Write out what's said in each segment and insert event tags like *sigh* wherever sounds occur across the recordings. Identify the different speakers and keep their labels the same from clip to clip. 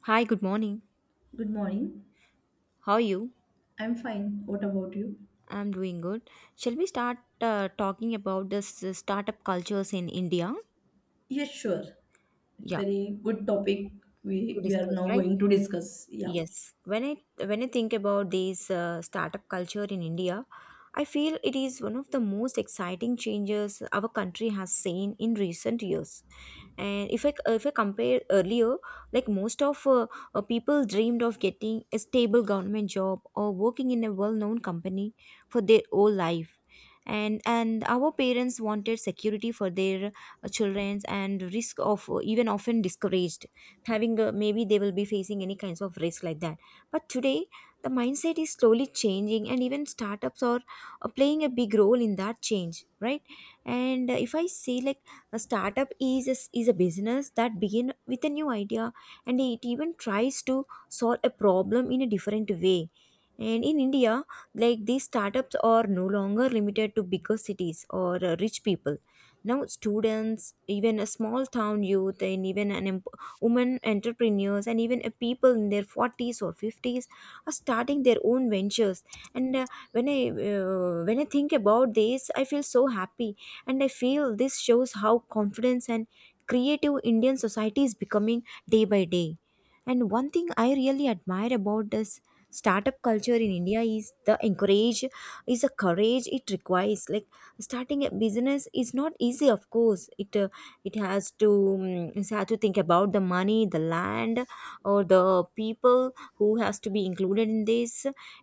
Speaker 1: Hi, good morning.
Speaker 2: Good morning.
Speaker 1: How are you?
Speaker 2: I'm fine. What about you?
Speaker 1: I'm doing good. Shall we start talking about this startup cultures in India?
Speaker 2: Yes, sure. It's
Speaker 1: Yeah,
Speaker 2: very good topic
Speaker 1: to
Speaker 2: we are
Speaker 1: discuss,
Speaker 2: now
Speaker 1: right?
Speaker 2: going to discuss. Yeah.
Speaker 1: Yes. When I think about this startup culture in India, I feel it is one of the most exciting changes our country has seen in recent years. And if I compare earlier, like most of people dreamed of getting a stable government job or working in a well-known company for their whole life, and our parents wanted security for their childrens, and risk of even often discouraged having maybe they will be facing any kinds of risk like that. But today the mindset is slowly changing, and even startups are playing a big role in that change, right? And if I say like, a startup is a business that begin with a new idea, and it even tries to solve a problem in a different way. And in India, like these startups are no longer limited to bigger cities or rich people. Now, students, even a small town youth, and even women entrepreneurs, and even a people in their 40s or 50s are starting their own ventures. And when I think about this, I feel so happy, and I feel this shows how confidence and creative Indian society is becoming day by day. And one thing I really admire about this startup culture in India is the encourage is the courage it requires. Like starting a business is not easy, of course. It it has to think about the money, the land, or the people who has to be included in this.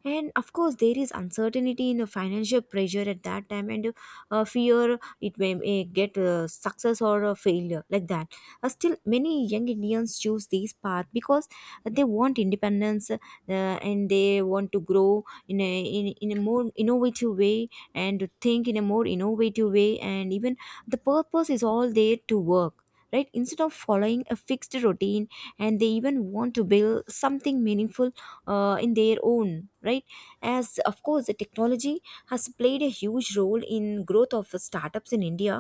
Speaker 1: And of course there is uncertainty in the financial pressure at that time, and fear it may get success or a failure like that. Still many young Indians choose this path because they want independence, and they want to grow in a in a more innovative way, and think in a more innovative way, and even the purpose is all there to work, right? Instead of following a fixed routine, and they even want to build something meaningful in their own right. As of course the technology has played a huge role in growth of the startups in India,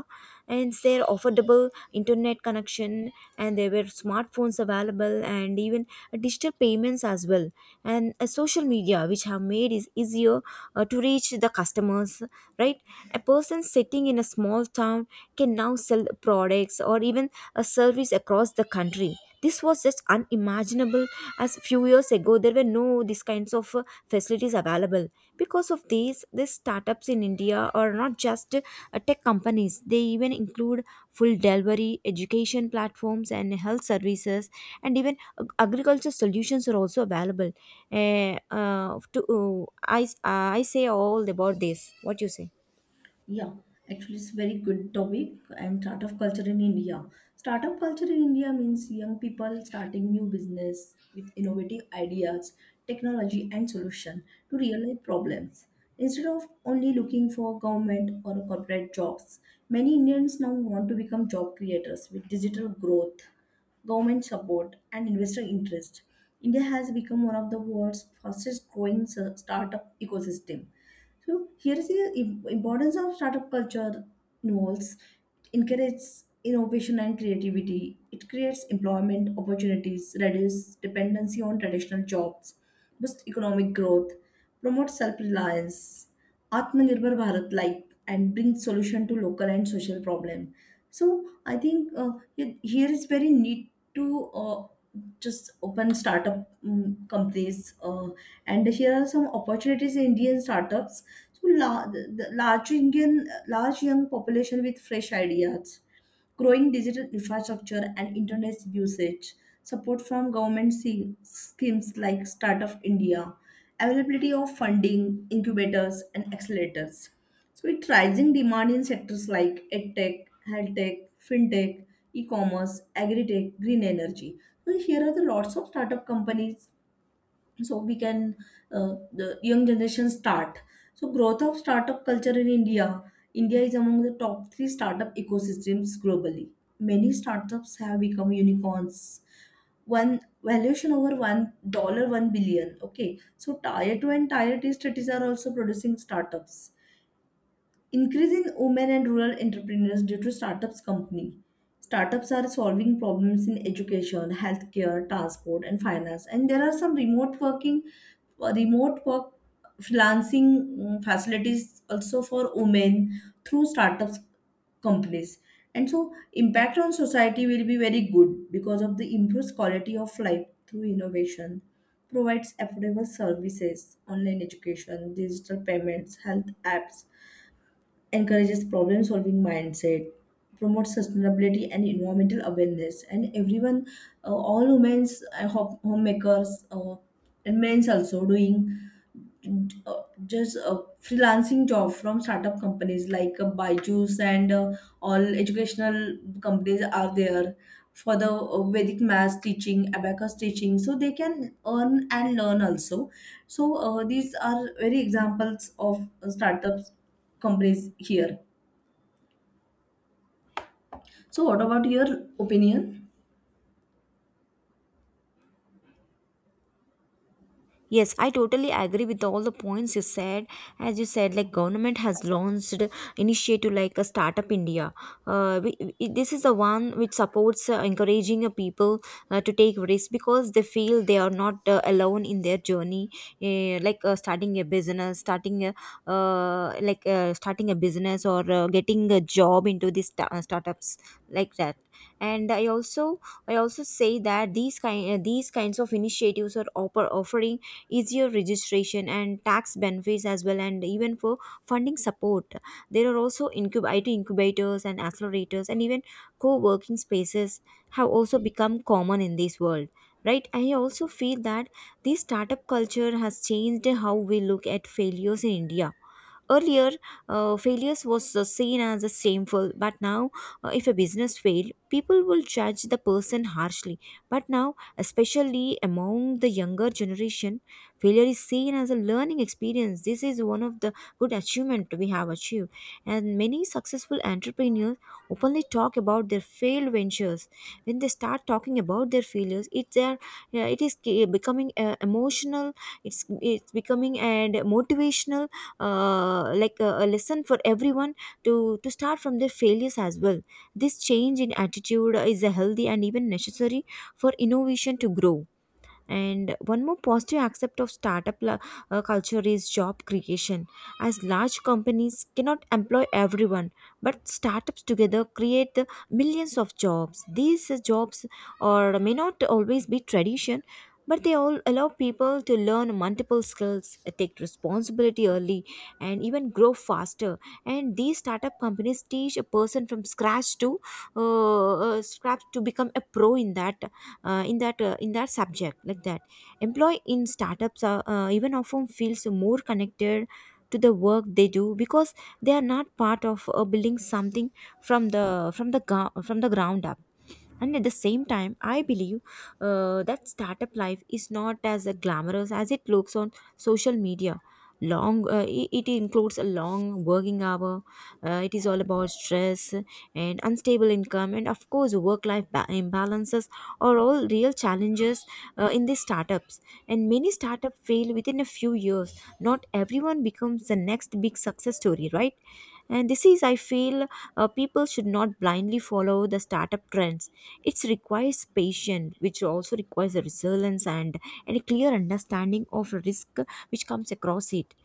Speaker 1: and their affordable internet connection, and there were smartphones available, and even digital payments as well, and social media, which have made it easier to reach the customers, right? A person sitting in a small town can now sell products or even a service across the country. This was just unimaginable, as few years ago there were no these kinds of facilities available. Because of these, startups in India are not just tech companies. They even include full delivery, education platforms, and health services, and even agriculture solutions are also available. To, I say all about this. What you say?
Speaker 2: Yeah, actually, it's very good topic and startup culture in India. Startup culture in India means young people starting new business with innovative ideas, technology, and solution to real life problems. Instead of only looking for government or corporate jobs, many Indians now want to become job creators with digital growth, government support, and investor interest. India has become one of the world's fastest growing startup ecosystem. So here is the importance of startup culture involves encourages innovation and creativity. It creates employment opportunities, reduces dependency on traditional jobs, boosts economic growth, promotes self-reliance, Atmanirbhar Bharat like, and brings solution to local and social problem. So I think, here is very need to just open startup companies, and here are some opportunities in Indian startups. So the large Indian large young population with fresh ideas, growing digital infrastructure and internet usage, support from government schemes like Startup India, availability of funding, incubators and accelerators. So with rising demand in sectors like edtech, health tech, fintech, e-commerce, agri-tech, green energy. So here are the lots of startup companies, so we can, the young generation start. So growth of startup culture in India is among the top 3 startup ecosystems globally. Many startups have become unicorns, one valuation over $1 1 billion, okay. So tier 2 and tier 3 cities are also producing startups. Increase in women and rural entrepreneurs due to startups company. Startups are solving problems in education, healthcare, transport, and finance. And there are some remote working, remote work, freelancing, facilities also for women through startups companies. And so impact on society will be very good because of the improved quality of life through innovation. Provides affordable services, online education, digital payments, health apps. Encourages problem solving mindset, promotes sustainability and environmental awareness. And everyone, all women, homemakers, and men also doing, just a freelancing job from startup companies like, Byju's, and all educational companies are there for the, Vedic math teaching, abacus teaching, so they can earn and learn also. So, these are very examples of, startups companies here. So, what about your opinion?
Speaker 1: Yes, I totally agree with all the points you said. As you said, like government has launched initiative like a startup India. This is the one which supports encouraging people to take risks because they feel they are not alone in their journey. Starting a business, starting a business, or getting a job into these startups like that. And I also say that these kinds of initiatives are offering easier registration and tax benefits as well, and even for funding support there are also incub- it incubators and accelerators, and even co-working spaces have also become common in this world, right? I also feel that this startup culture has changed how we look at failures in India. Earlier, failures was seen as a shameful, but now if a business failed people will judge the person harshly. But now, especially among the younger generation, failure is seen as a learning experience. This is one of the good achievement we have achieved, and many successful entrepreneurs openly talk about their failed ventures. When they start talking about their failures, it's their, yeah, it is becoming emotional. it's it's becoming and motivational, like a lesson for everyone to to start from their failures as well. This change in attitude is a healthy and even necessary for innovation to grow. And one more positive aspect of startup culture is job creation. As large companies cannot employ everyone, but startups together create the millions of jobs. These jobs or may not always be tradition, but they all allow people to learn multiple skills, take responsibility early, and even grow faster. And these startup companies teach a person from scratch to scratch to become a pro in that in that subject like that. Employee in startups are even often feels more connected to the work they do, because they are not part of building something from the ground up. And at the same time I believe that startup life is not as glamorous as it looks on social media. It includes a long working hour. It is all about stress and unstable income, and of course work life imbalances are all real challenges in these startups. And many startups fail within a few years. Not everyone becomes the next big success story, right? And this is, I feel, people should not blindly follow the startup trends. It requires patience, which also requires a resilience, and a clear understanding of risk which comes across it.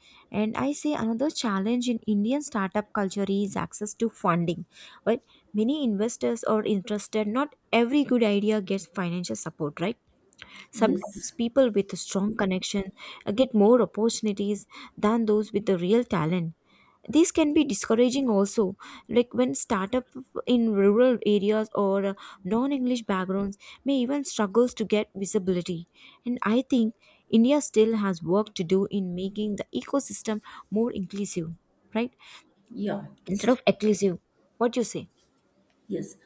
Speaker 1: And I say another challenge in Indian startup culture is access to funding, right? Many investors are interested, not every good idea gets financial support, right? Sometimes
Speaker 2: Yes.
Speaker 1: people with a strong connection get more opportunities than those with the real talent. These can be discouraging also, like when startup in rural areas, or non-English backgrounds, may even struggles to get visibility. And I think India still has work to do in making the ecosystem more inclusive, right?
Speaker 2: Yeah.
Speaker 1: Instead of exclusive. What you say?
Speaker 2: Yes,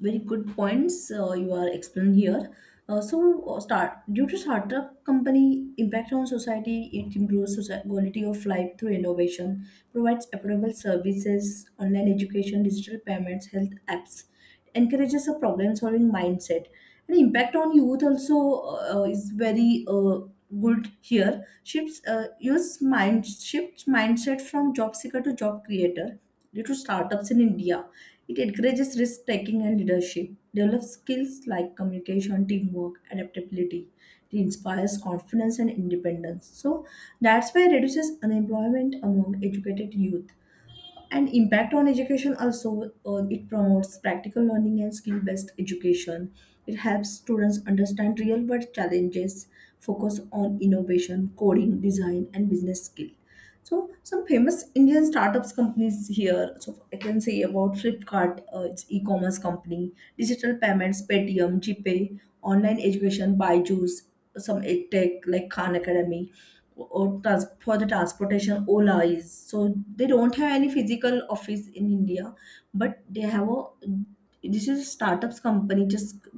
Speaker 2: very good points, you are explaining here. So, start due to startup company impact on society, it improves quality of life through innovation, provides affordable services, online education, digital payments, health apps, encourages a problem-solving mindset. And impact on youth also, is very, good here. Shifts, use mind shifts mindset from job seeker to job creator due to startups in India. It encourages risk taking and leadership, develops skills like communication, teamwork, adaptability. It inspires confidence and independence. So that's why it reduces unemployment among educated youth. And impact on education also, it promotes practical learning and skill based education. It helps students understand real world challenges, focus on innovation, coding, design, and business skill. So some famous Indian startups companies here. So I can say about Flipkart, its e-commerce company. Digital payments, Paytm, GPay. Online education, Byju's. Some edtech like Khan Academy. Or for the transportation, Ola is, so they don't have any physical office in India. But they have a, this is a startups company. just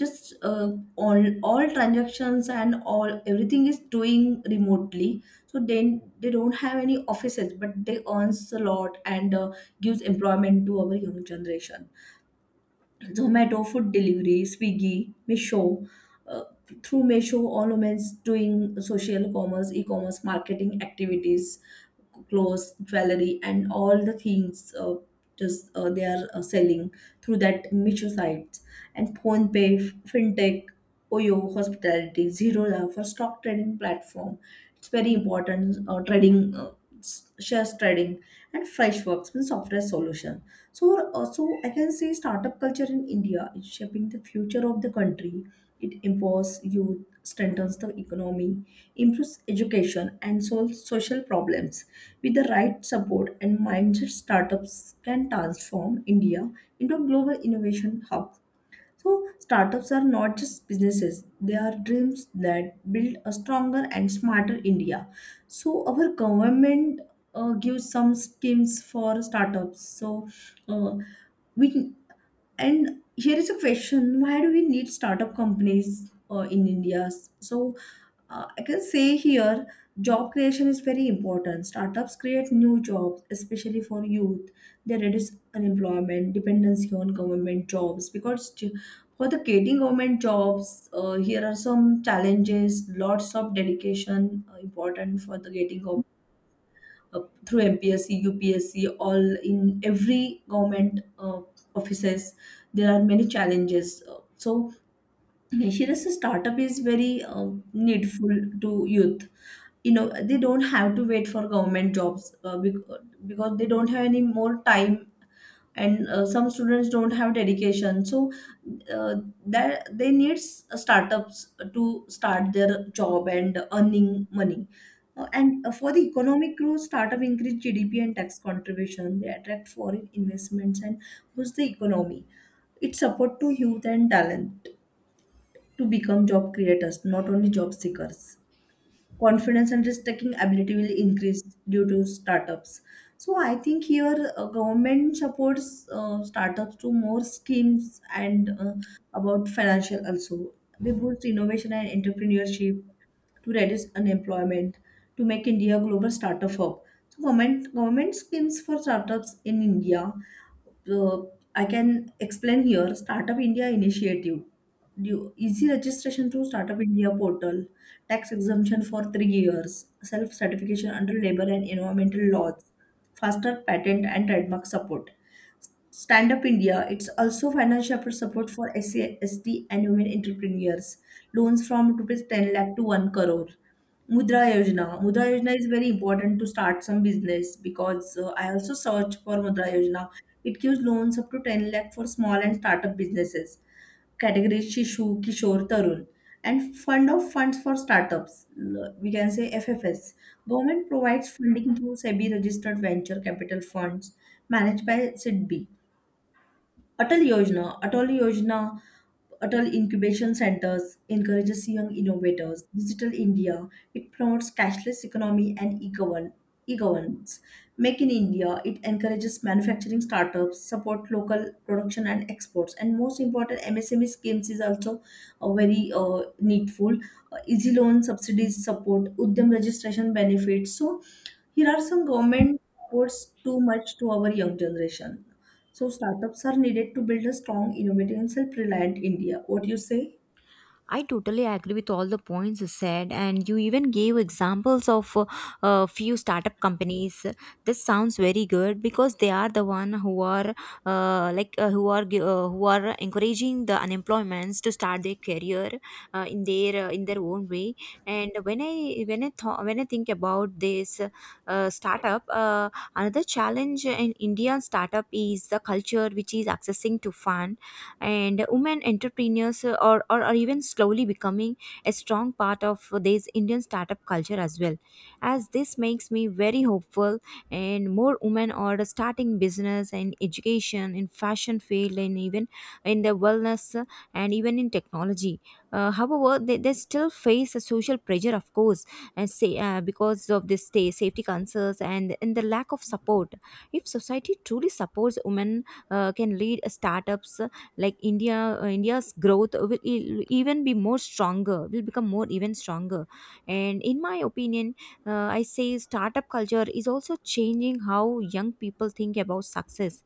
Speaker 2: just uh, all transactions and all everything is doing remotely. So then they don't have any offices, but they earns a lot, and gives employment to our young generation. Zomato food delivery, Swiggy, Misho. Uh, Through Misho, all women doing social commerce, e-commerce marketing activities, clothes, jewelry, and all the things, just they are, selling through that Misho sites. And PhonePe, FinTech, Oyo, Hospitality, Zerola for stock trading platform, it's very important, trading, shares trading. And Freshworks means software solution. So so I can say startup culture in India is shaping the future of the country. It empowers youth, strengthens the economy, improves education, and solves social problems. With the right support and mindset, startups can transform India into a global innovation hub. So, startups are not just businesses, they are dreams that build a stronger and smarter India. So, our government, gives some schemes for startups. So, uh, we. And here is a question, why do we need startup companies, in India? So, I can say here, job creation is very important. Startups create new jobs, especially for youth. They reduce unemployment, dependency on government jobs because for the getting government jobs, here are some challenges, lots of dedication, important for the getting of, uh, through MPSC, all in every government, offices. There are many challenges. So here is a startup is very, needful to youth. They don't have to wait for government jobs, because they don't have any more time. And some students don't have dedication, so uh, that they need startups to start their job and earning money. And for the economic growth, startup increase GDP and tax contribution, they attract foreign investments, and boost the economy. It support to youth and talent, to become job creators not only job seekers. Confidence and risk taking ability will increase due to startups. So I think here, government supports, startups to more schemes, and about financial also. They boost innovation and entrepreneurship, to reduce unemployment, to make India a global startup hub. So government schemes for startups in India. uh, I can explain here startup India initiative. Easy registration to startup India portal, tax exemption for 3 years, self certification under labor and environmental laws, faster patent and trademark support. Stand Up India, it's also financial support for SC, and women entrepreneurs. Loans from rupees 10 lakh to 1 crore. Mudra Yojana. Mudra Yojana is very important to start some business because, I also search for Mudra Yojana. It gives loans up to 10 lakh for small and startup businesses. Categories Shishu, Kishore, Tarun. And Fund of Funds for Startups, we can say FFS. Government provides funding through SEBI registered venture capital funds managed by SIDBI. Atal Yojana, Atal Incubation Centers encourages young innovators. Digital India, it promotes cashless economy and e-governance. Make in India, it encourages manufacturing startups, support local production and exports. And most important, MSME schemes is also, very, needful. Easy loan subsidies support, Udyam registration benefits. So here are some government supports too much to our young generation. So startups are needed to build a strong, innovative, and self-reliant India. What do you say?
Speaker 1: I totally agree with all the points you said, and you even gave examples of a few startup companies. This sounds very good because they are the one who are who are encouraging the unemployments to start their career in their own way. And when I thought when I think about this uh, startup, uh, another challenge in Indian startup is the culture which is accessing to fund. And women entrepreneurs are, are even slowly becoming a strong part of this Indian startup culture as well, as this makes me very hopeful. And more women are starting business and education in fashion field, and even in the wellness and even in technology. However, they still face a social pressure, of course, and say because of this safety concerns, and the lack of support. If society truly supports women can lead startups like India, India's growth will even be more stronger, will become more even stronger. And in my opinion, I say startup culture is also changing how young people think about success.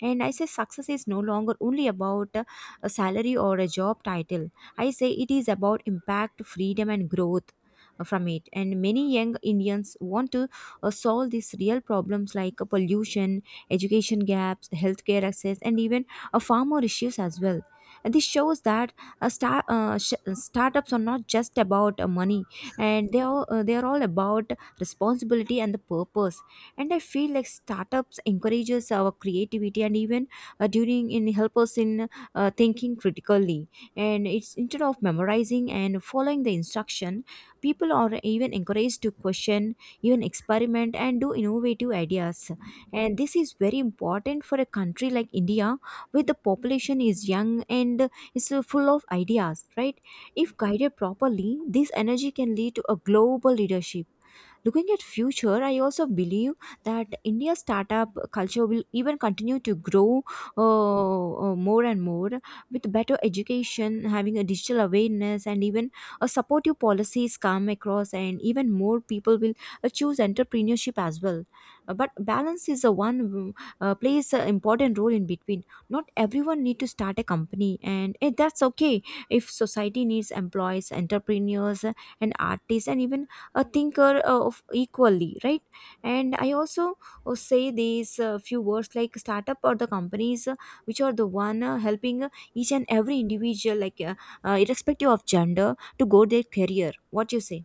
Speaker 1: And I say success is no longer only about a salary or a job title. I say it is about impact, freedom, and growth from it and many young Indians want to solve these real problems like pollution, education gaps, healthcare access, and even farmer issues as well. And this shows that startups are not just about money, and they are all about responsibility and the purpose. And I feel like startups encourages our creativity and even during in help us in thinking critically. And it's instead of memorizing and following the instruction, people are even encouraged to question, even experiment, and do innovative ideas. And this is very important for a country like India, where the population is young and is full of ideas, right? If guided properly, this energy can lead to a global leadership. Looking at future, I also believe that India's startup culture will even continue to grow more and more. With better education, having a digital awareness, and even a supportive policies come across, and even more people will choose entrepreneurship as well. But balance is a one plays an important role in between. Not everyone need to start a company, and that's okay. If society needs employees, entrepreneurs, and artists, and even a thinker of equally, right? And I also say these few words like startup or the companies which are the one helping each and every individual, like irrespective of gender, to go their career. What you say?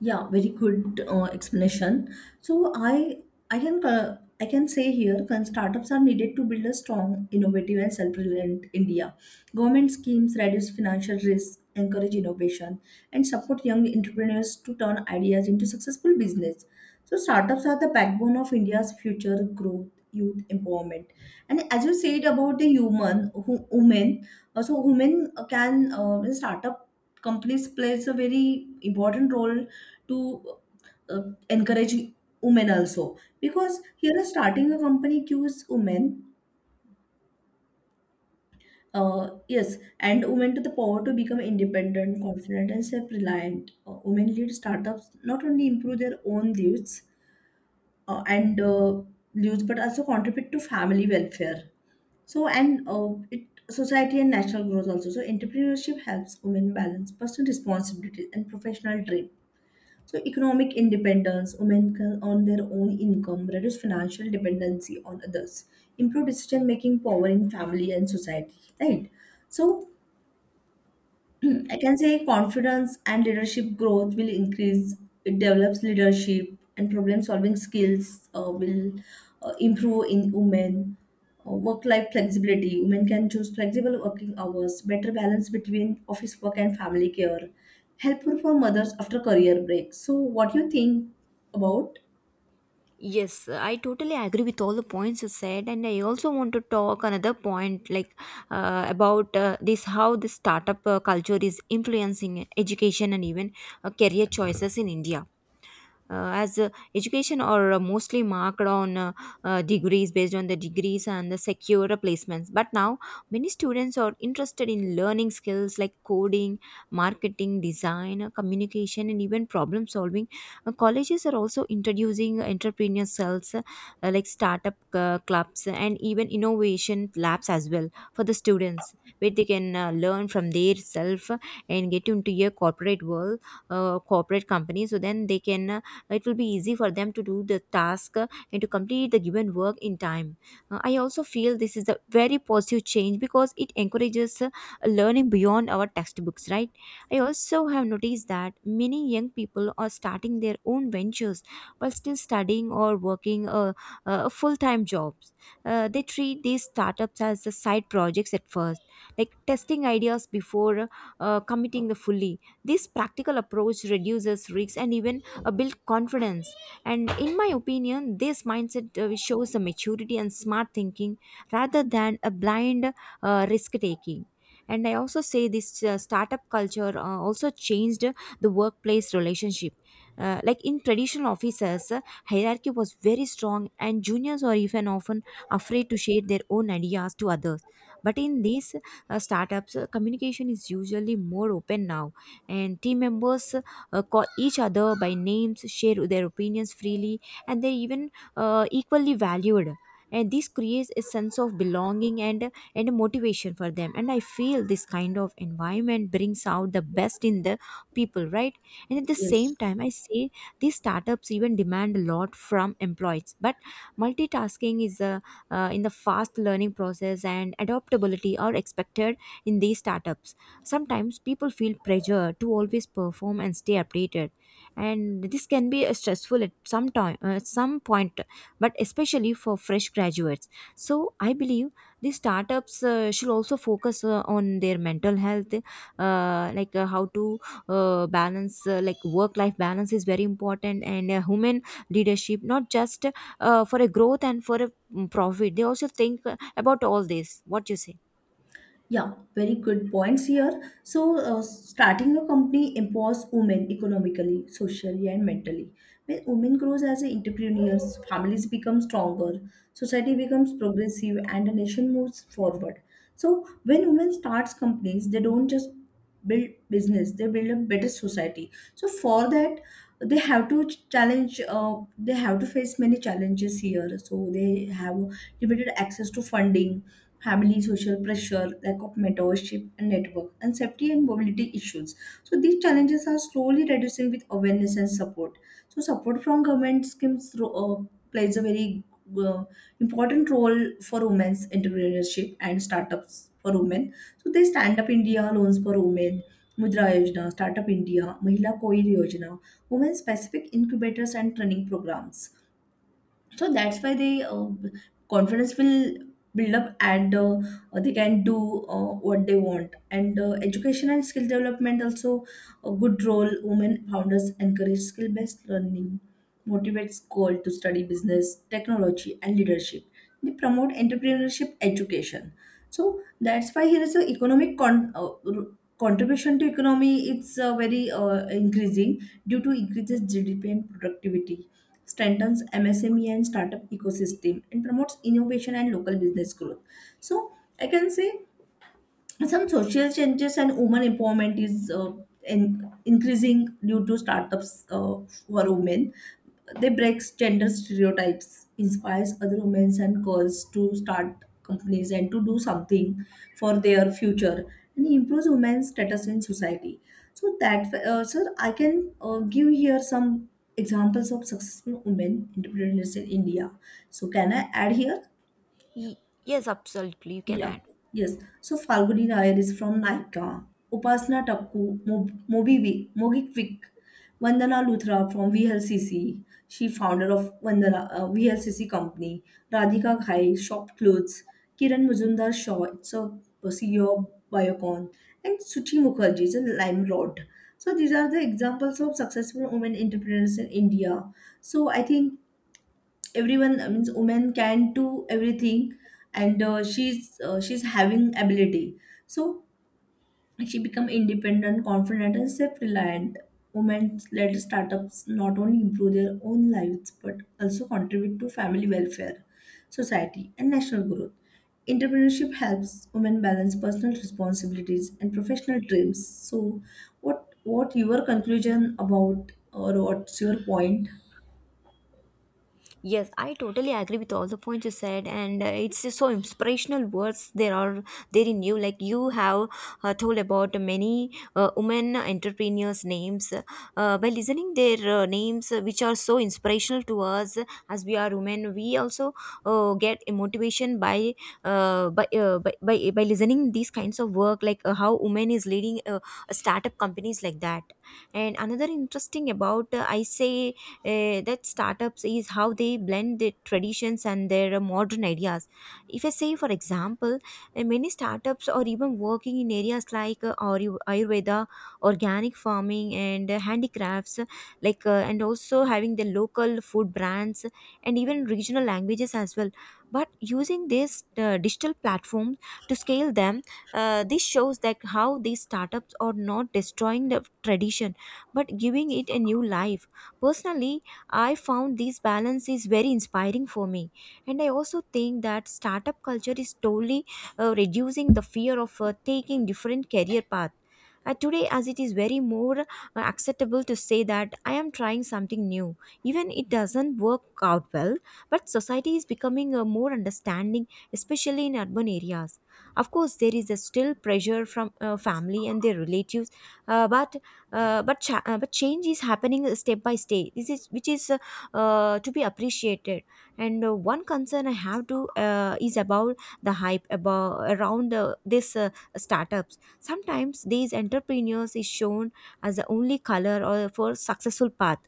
Speaker 2: Yeah, very good, explanation. So I can say here, startups are needed to build a strong, innovative, and self-reliant India. Government schemes reduce financial risk, encourage innovation, and support young entrepreneurs to turn ideas into successful business. So startups are the backbone of India's future growth, youth empowerment. And as you said about the human, who, women, so women, can, startup companies plays a very important role to, uh, encourage women also. Because here starting a company cues women, yes, and women to the power to become independent, confident, and self-reliant. Women lead startups not only improve their own lives, and lives, but also contribute to family welfare. So and, it society and national growth also. So entrepreneurship helps women balance personal responsibilities and professional dreams. So, economic independence, women can earn their own income, reduce financial dependency on others, improve decision making power in family and society, right? So, *clears throat* I can say confidence and leadership growth will increase. It develops leadership and problem solving skills, will, improve in women. Work life flexibility. Women can choose flexible working hours, better balance between office work and family care, helpful for mothers after career break. So, what do you think about?
Speaker 1: Yes, I totally agree with all the points you said, and I also want to talk another point like about this how the startup culture is influencing education and even career choices in India. As Education are mostly marked on degrees based on the degrees and the secure placements, but now many students are interested in learning skills like coding, marketing, design, communication, and even problem solving. Colleges are also introducing entrepreneur cells, like startup clubs and even innovation labs as well for the students, where they can learn from their self and get into a corporate world, corporate company, so then they can, it will be easy for them to do the task and to complete the given work in time. I also feel this is a very positive change, because it encourages learning beyond our textbooks, right? I also have noticed that many young people are starting their own ventures while still studying or working full-time jobs. They treat these startups as side projects at first, like testing ideas before committing the fully. This practical approach reduces risks and even build confidence. And in my opinion, this mindset shows a maturity and smart thinking rather than a blind risk taking. And I also say this startup culture also changed the workplace relationship. Like in traditional offices, hierarchy was very strong, and juniors are even often afraid to share their own ideas to others. But in these startups, communication is usually more open now, and team members call each other by names, share their opinions freely, and they're even equally valued. And this creates a sense of belonging and motivation for them. And I feel this kind of environment brings out the best in the people, right? And at the
Speaker 2: Yes.
Speaker 1: same time, I say these startups even demand a lot from employees. But multitasking is a in the fast learning process and adaptability are expected in these startups. Sometimes people feel pressure to always perform and stay updated, and this can be stressful at some time, some point, but especially for fresh graduates. So I believe these startups should also focus on their mental health, like how to balance, like work-life balance is very important, and human leadership, not just for a growth and for a profit. They also think about all this. What you say?
Speaker 2: Yeah, very good points here. So, starting a company empowers women economically, socially, and mentally. When women grows as a entrepreneurs, families become stronger, society becomes progressive, and the nation moves forward. So, when women starts companies, they don't just build business; they build a better society. So, for that, they have to challenge. They have to face many challenges here. So, they have limited access to funding, family social pressure, lack of mentorship and network, and safety and mobility issues. So these challenges are slowly reducing with awareness and support. So support from government schemes, plays a very, uh, important role for women's entrepreneurship and startups for women. So they stand up India loans for women. Mudra Yojana, Startup India, Mahila Koil Yojana, women specific incubators and training programs. So that's why they, confidence will build up. And they can do, what they want. And education and skill development also a good role. Women founders encourage skill based learning, motivates girls to study business technology and leadership. They promote entrepreneurship education. So that's why here is a economic contribution to economy. It's, very, increasing due to increases GDP and productivity. Strengthens MSME and startup ecosystem, and promotes innovation and local business growth. So I can say some social changes and women empowerment is, increasing due to startups, for women. They breaks gender stereotypes, inspires other women and girls to start companies and to do something for their future, and improves women's status in society. So that, sir, I can, give here some examples of successful women entrepreneurs in India. So can I add here?
Speaker 1: Ye- Yes, absolutely. You can
Speaker 2: Yeah,
Speaker 1: add.
Speaker 2: yes. So Falguni Nayar is from Naika, Upasana Tapku, Mobivi, Mogikvik, Vandana Luthra from VLCC, she founder of Vandana, VLCC company, Radhika Ghai, Shop Clothes, Kiran Mujumdar Shaw, it's a CEO of Biocon, and Suchi Mukherjee is a Lime Rod. So these are the examples of successful women entrepreneurs in India. So I think everyone, means women can do everything. And she's having ability, so she become independent, confident, and self-reliant. Women led startups not only improve their own lives, but also contribute to family welfare, society and national growth. Entrepreneurship helps women balance personal responsibilities and professional dreams. So what your conclusion about, or what's your point?
Speaker 1: Yes, I totally agree with all the points you said, and it's just so inspirational words there are there in you. Like you have told about many women entrepreneurs' names by listening their names, which are so inspirational to us as we are women. We also get a motivation by listening these kinds of work, like how women is leading startup companies like that. And another interesting about I say that startups is how they blend their traditions and their modern ideas. If I say, for example, many startups are even working in areas like Ayurveda, organic farming, and handicrafts, and also having the local food brands and even regional languages as well. But using this digital platform to scale them, this shows that how these startups are not destroying the tradition but giving it a new life. Personally, I found this balance is very inspiring for me. And I also think that startup culture is slowly reducing the fear of taking different career paths. Today, as it is very more acceptable to say that I am trying something new, even it doesn't work out well. But society is becoming more understanding, especially in urban areas. Of course, there is a still pressure from family and their relatives, uh, but but change is happening step by step. This is which is to be appreciated. And one concern I have to is about the hype about around this startups. Sometimes these entrepreneurs is shown as the only color or for successful path.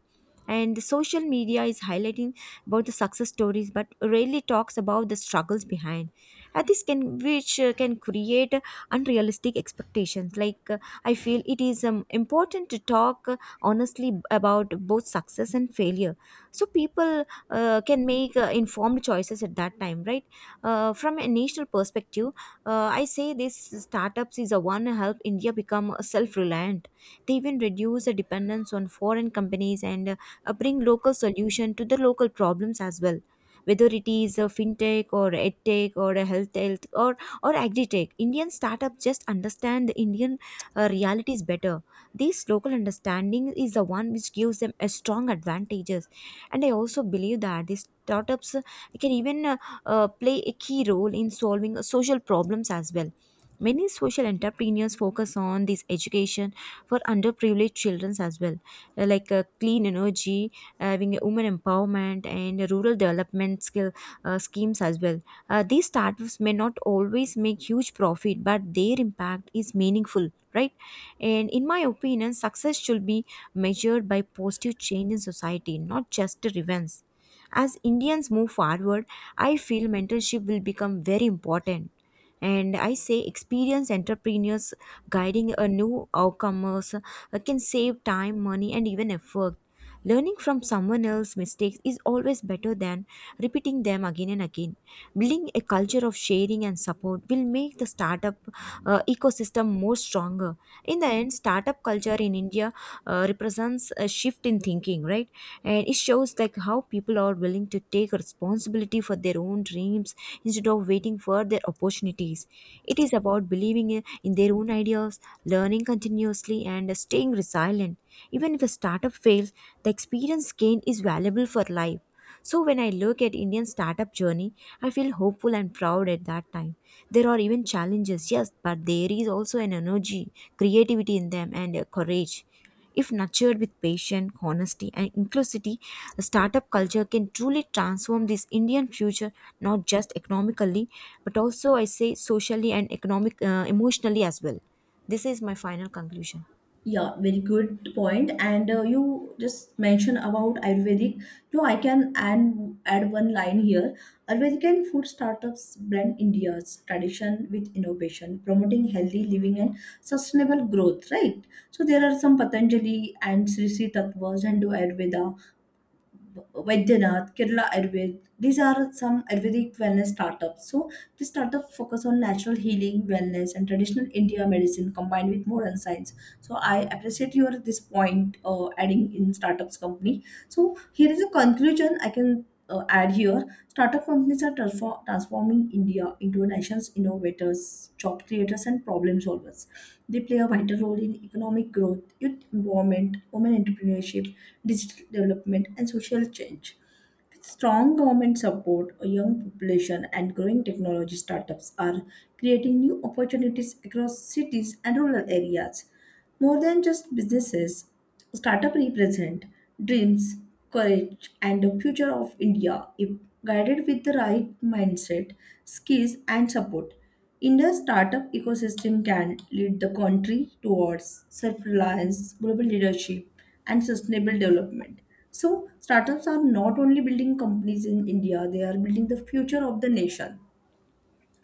Speaker 1: And the social media is highlighting about the success stories, but rarely talks about the struggles behind. And this can, which can create unrealistic expectations. Like I feel it is important to talk honestly about both success and failure, so people can make informed choices at that time, right? From a national perspective, I say these startups is a one help India become self-reliant. They even reduce the dependence on foreign companies and bring local solution to the local problems as well. Whether it is a fintech or edtech or a health or agri-tech, Indian startups just understand the Indian realities better. This local understanding is the one which gives them a strong advantages. And I also believe that these startups can even play a key role in solving social problems as well. Many social entrepreneurs focus on this education for underprivileged children as well, clean energy, having a women empowerment, and rural development skill schemes as well. These startups may not always make huge profit, but their impact is meaningful, right? And in my opinion, success should be measured by positive change in society, not just the revenge. As Indians move forward, I feel mentorship will become very important. And I say experienced entrepreneurs guiding a new outcomers can save time, money, and even effort. Learning from someone else's mistakes is always better than repeating them again and again. Building a culture of sharing and support will make the startup ecosystem more stronger. In the end, startup culture in India represents a shift in thinking, right? And it shows like how people are willing to take responsibility for their own dreams instead of waiting for their opportunities. It is about believing in their own ideas, learning continuously, and staying resilient. Even if a startup fails, the experience gained is valuable for life. So when I look at Indian startup journey, I feel hopeful and proud at that time. There are even challenges, yes, but there is also an energy, creativity in them and courage. If nurtured with patience, honesty and inclusivity, a startup culture can truly transform this Indian future, not just economically but also I say socially and economic emotionally as well. This is my final conclusion.
Speaker 2: Yeah, very good point. And you just mentioned about Ayurvedic. So I can add one line here. Ayurvedic and food startups blend India's tradition with innovation, promoting healthy living and sustainable growth, right? So there are some Patanjali and Sri Sri Tattvas and Hindu Ayurveda Vaidyanath, Kerala Ayurved. These are some Ayurvedic wellness startups. So these startups focus on natural healing, wellness, and traditional India medicine combined with modern science. So I appreciate your this point, adding in startups company. So here is a conclusion I can, add here. Startup companies are transforming India into a nation's innovators, job creators, and problem solvers. They play a vital role in economic growth, youth empowerment, women entrepreneurship, digital development, and social change. With strong government support, a young population, and growing technology, startups are creating new opportunities across cities and rural areas. More than just businesses, startups represent dreams, courage, and the future of India. If guided with the right mindset, skills, and support, India's startup ecosystem can lead the country towards self reliance, global leadership, and sustainable development. So, startups are not only building companies in India, they are building the future of the nation.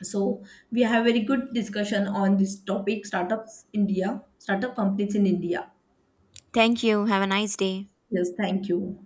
Speaker 2: So we have very good discussion on this topic, startups India, startup companies in India.
Speaker 1: Thank you. Have a nice day.
Speaker 2: Yes, thank you.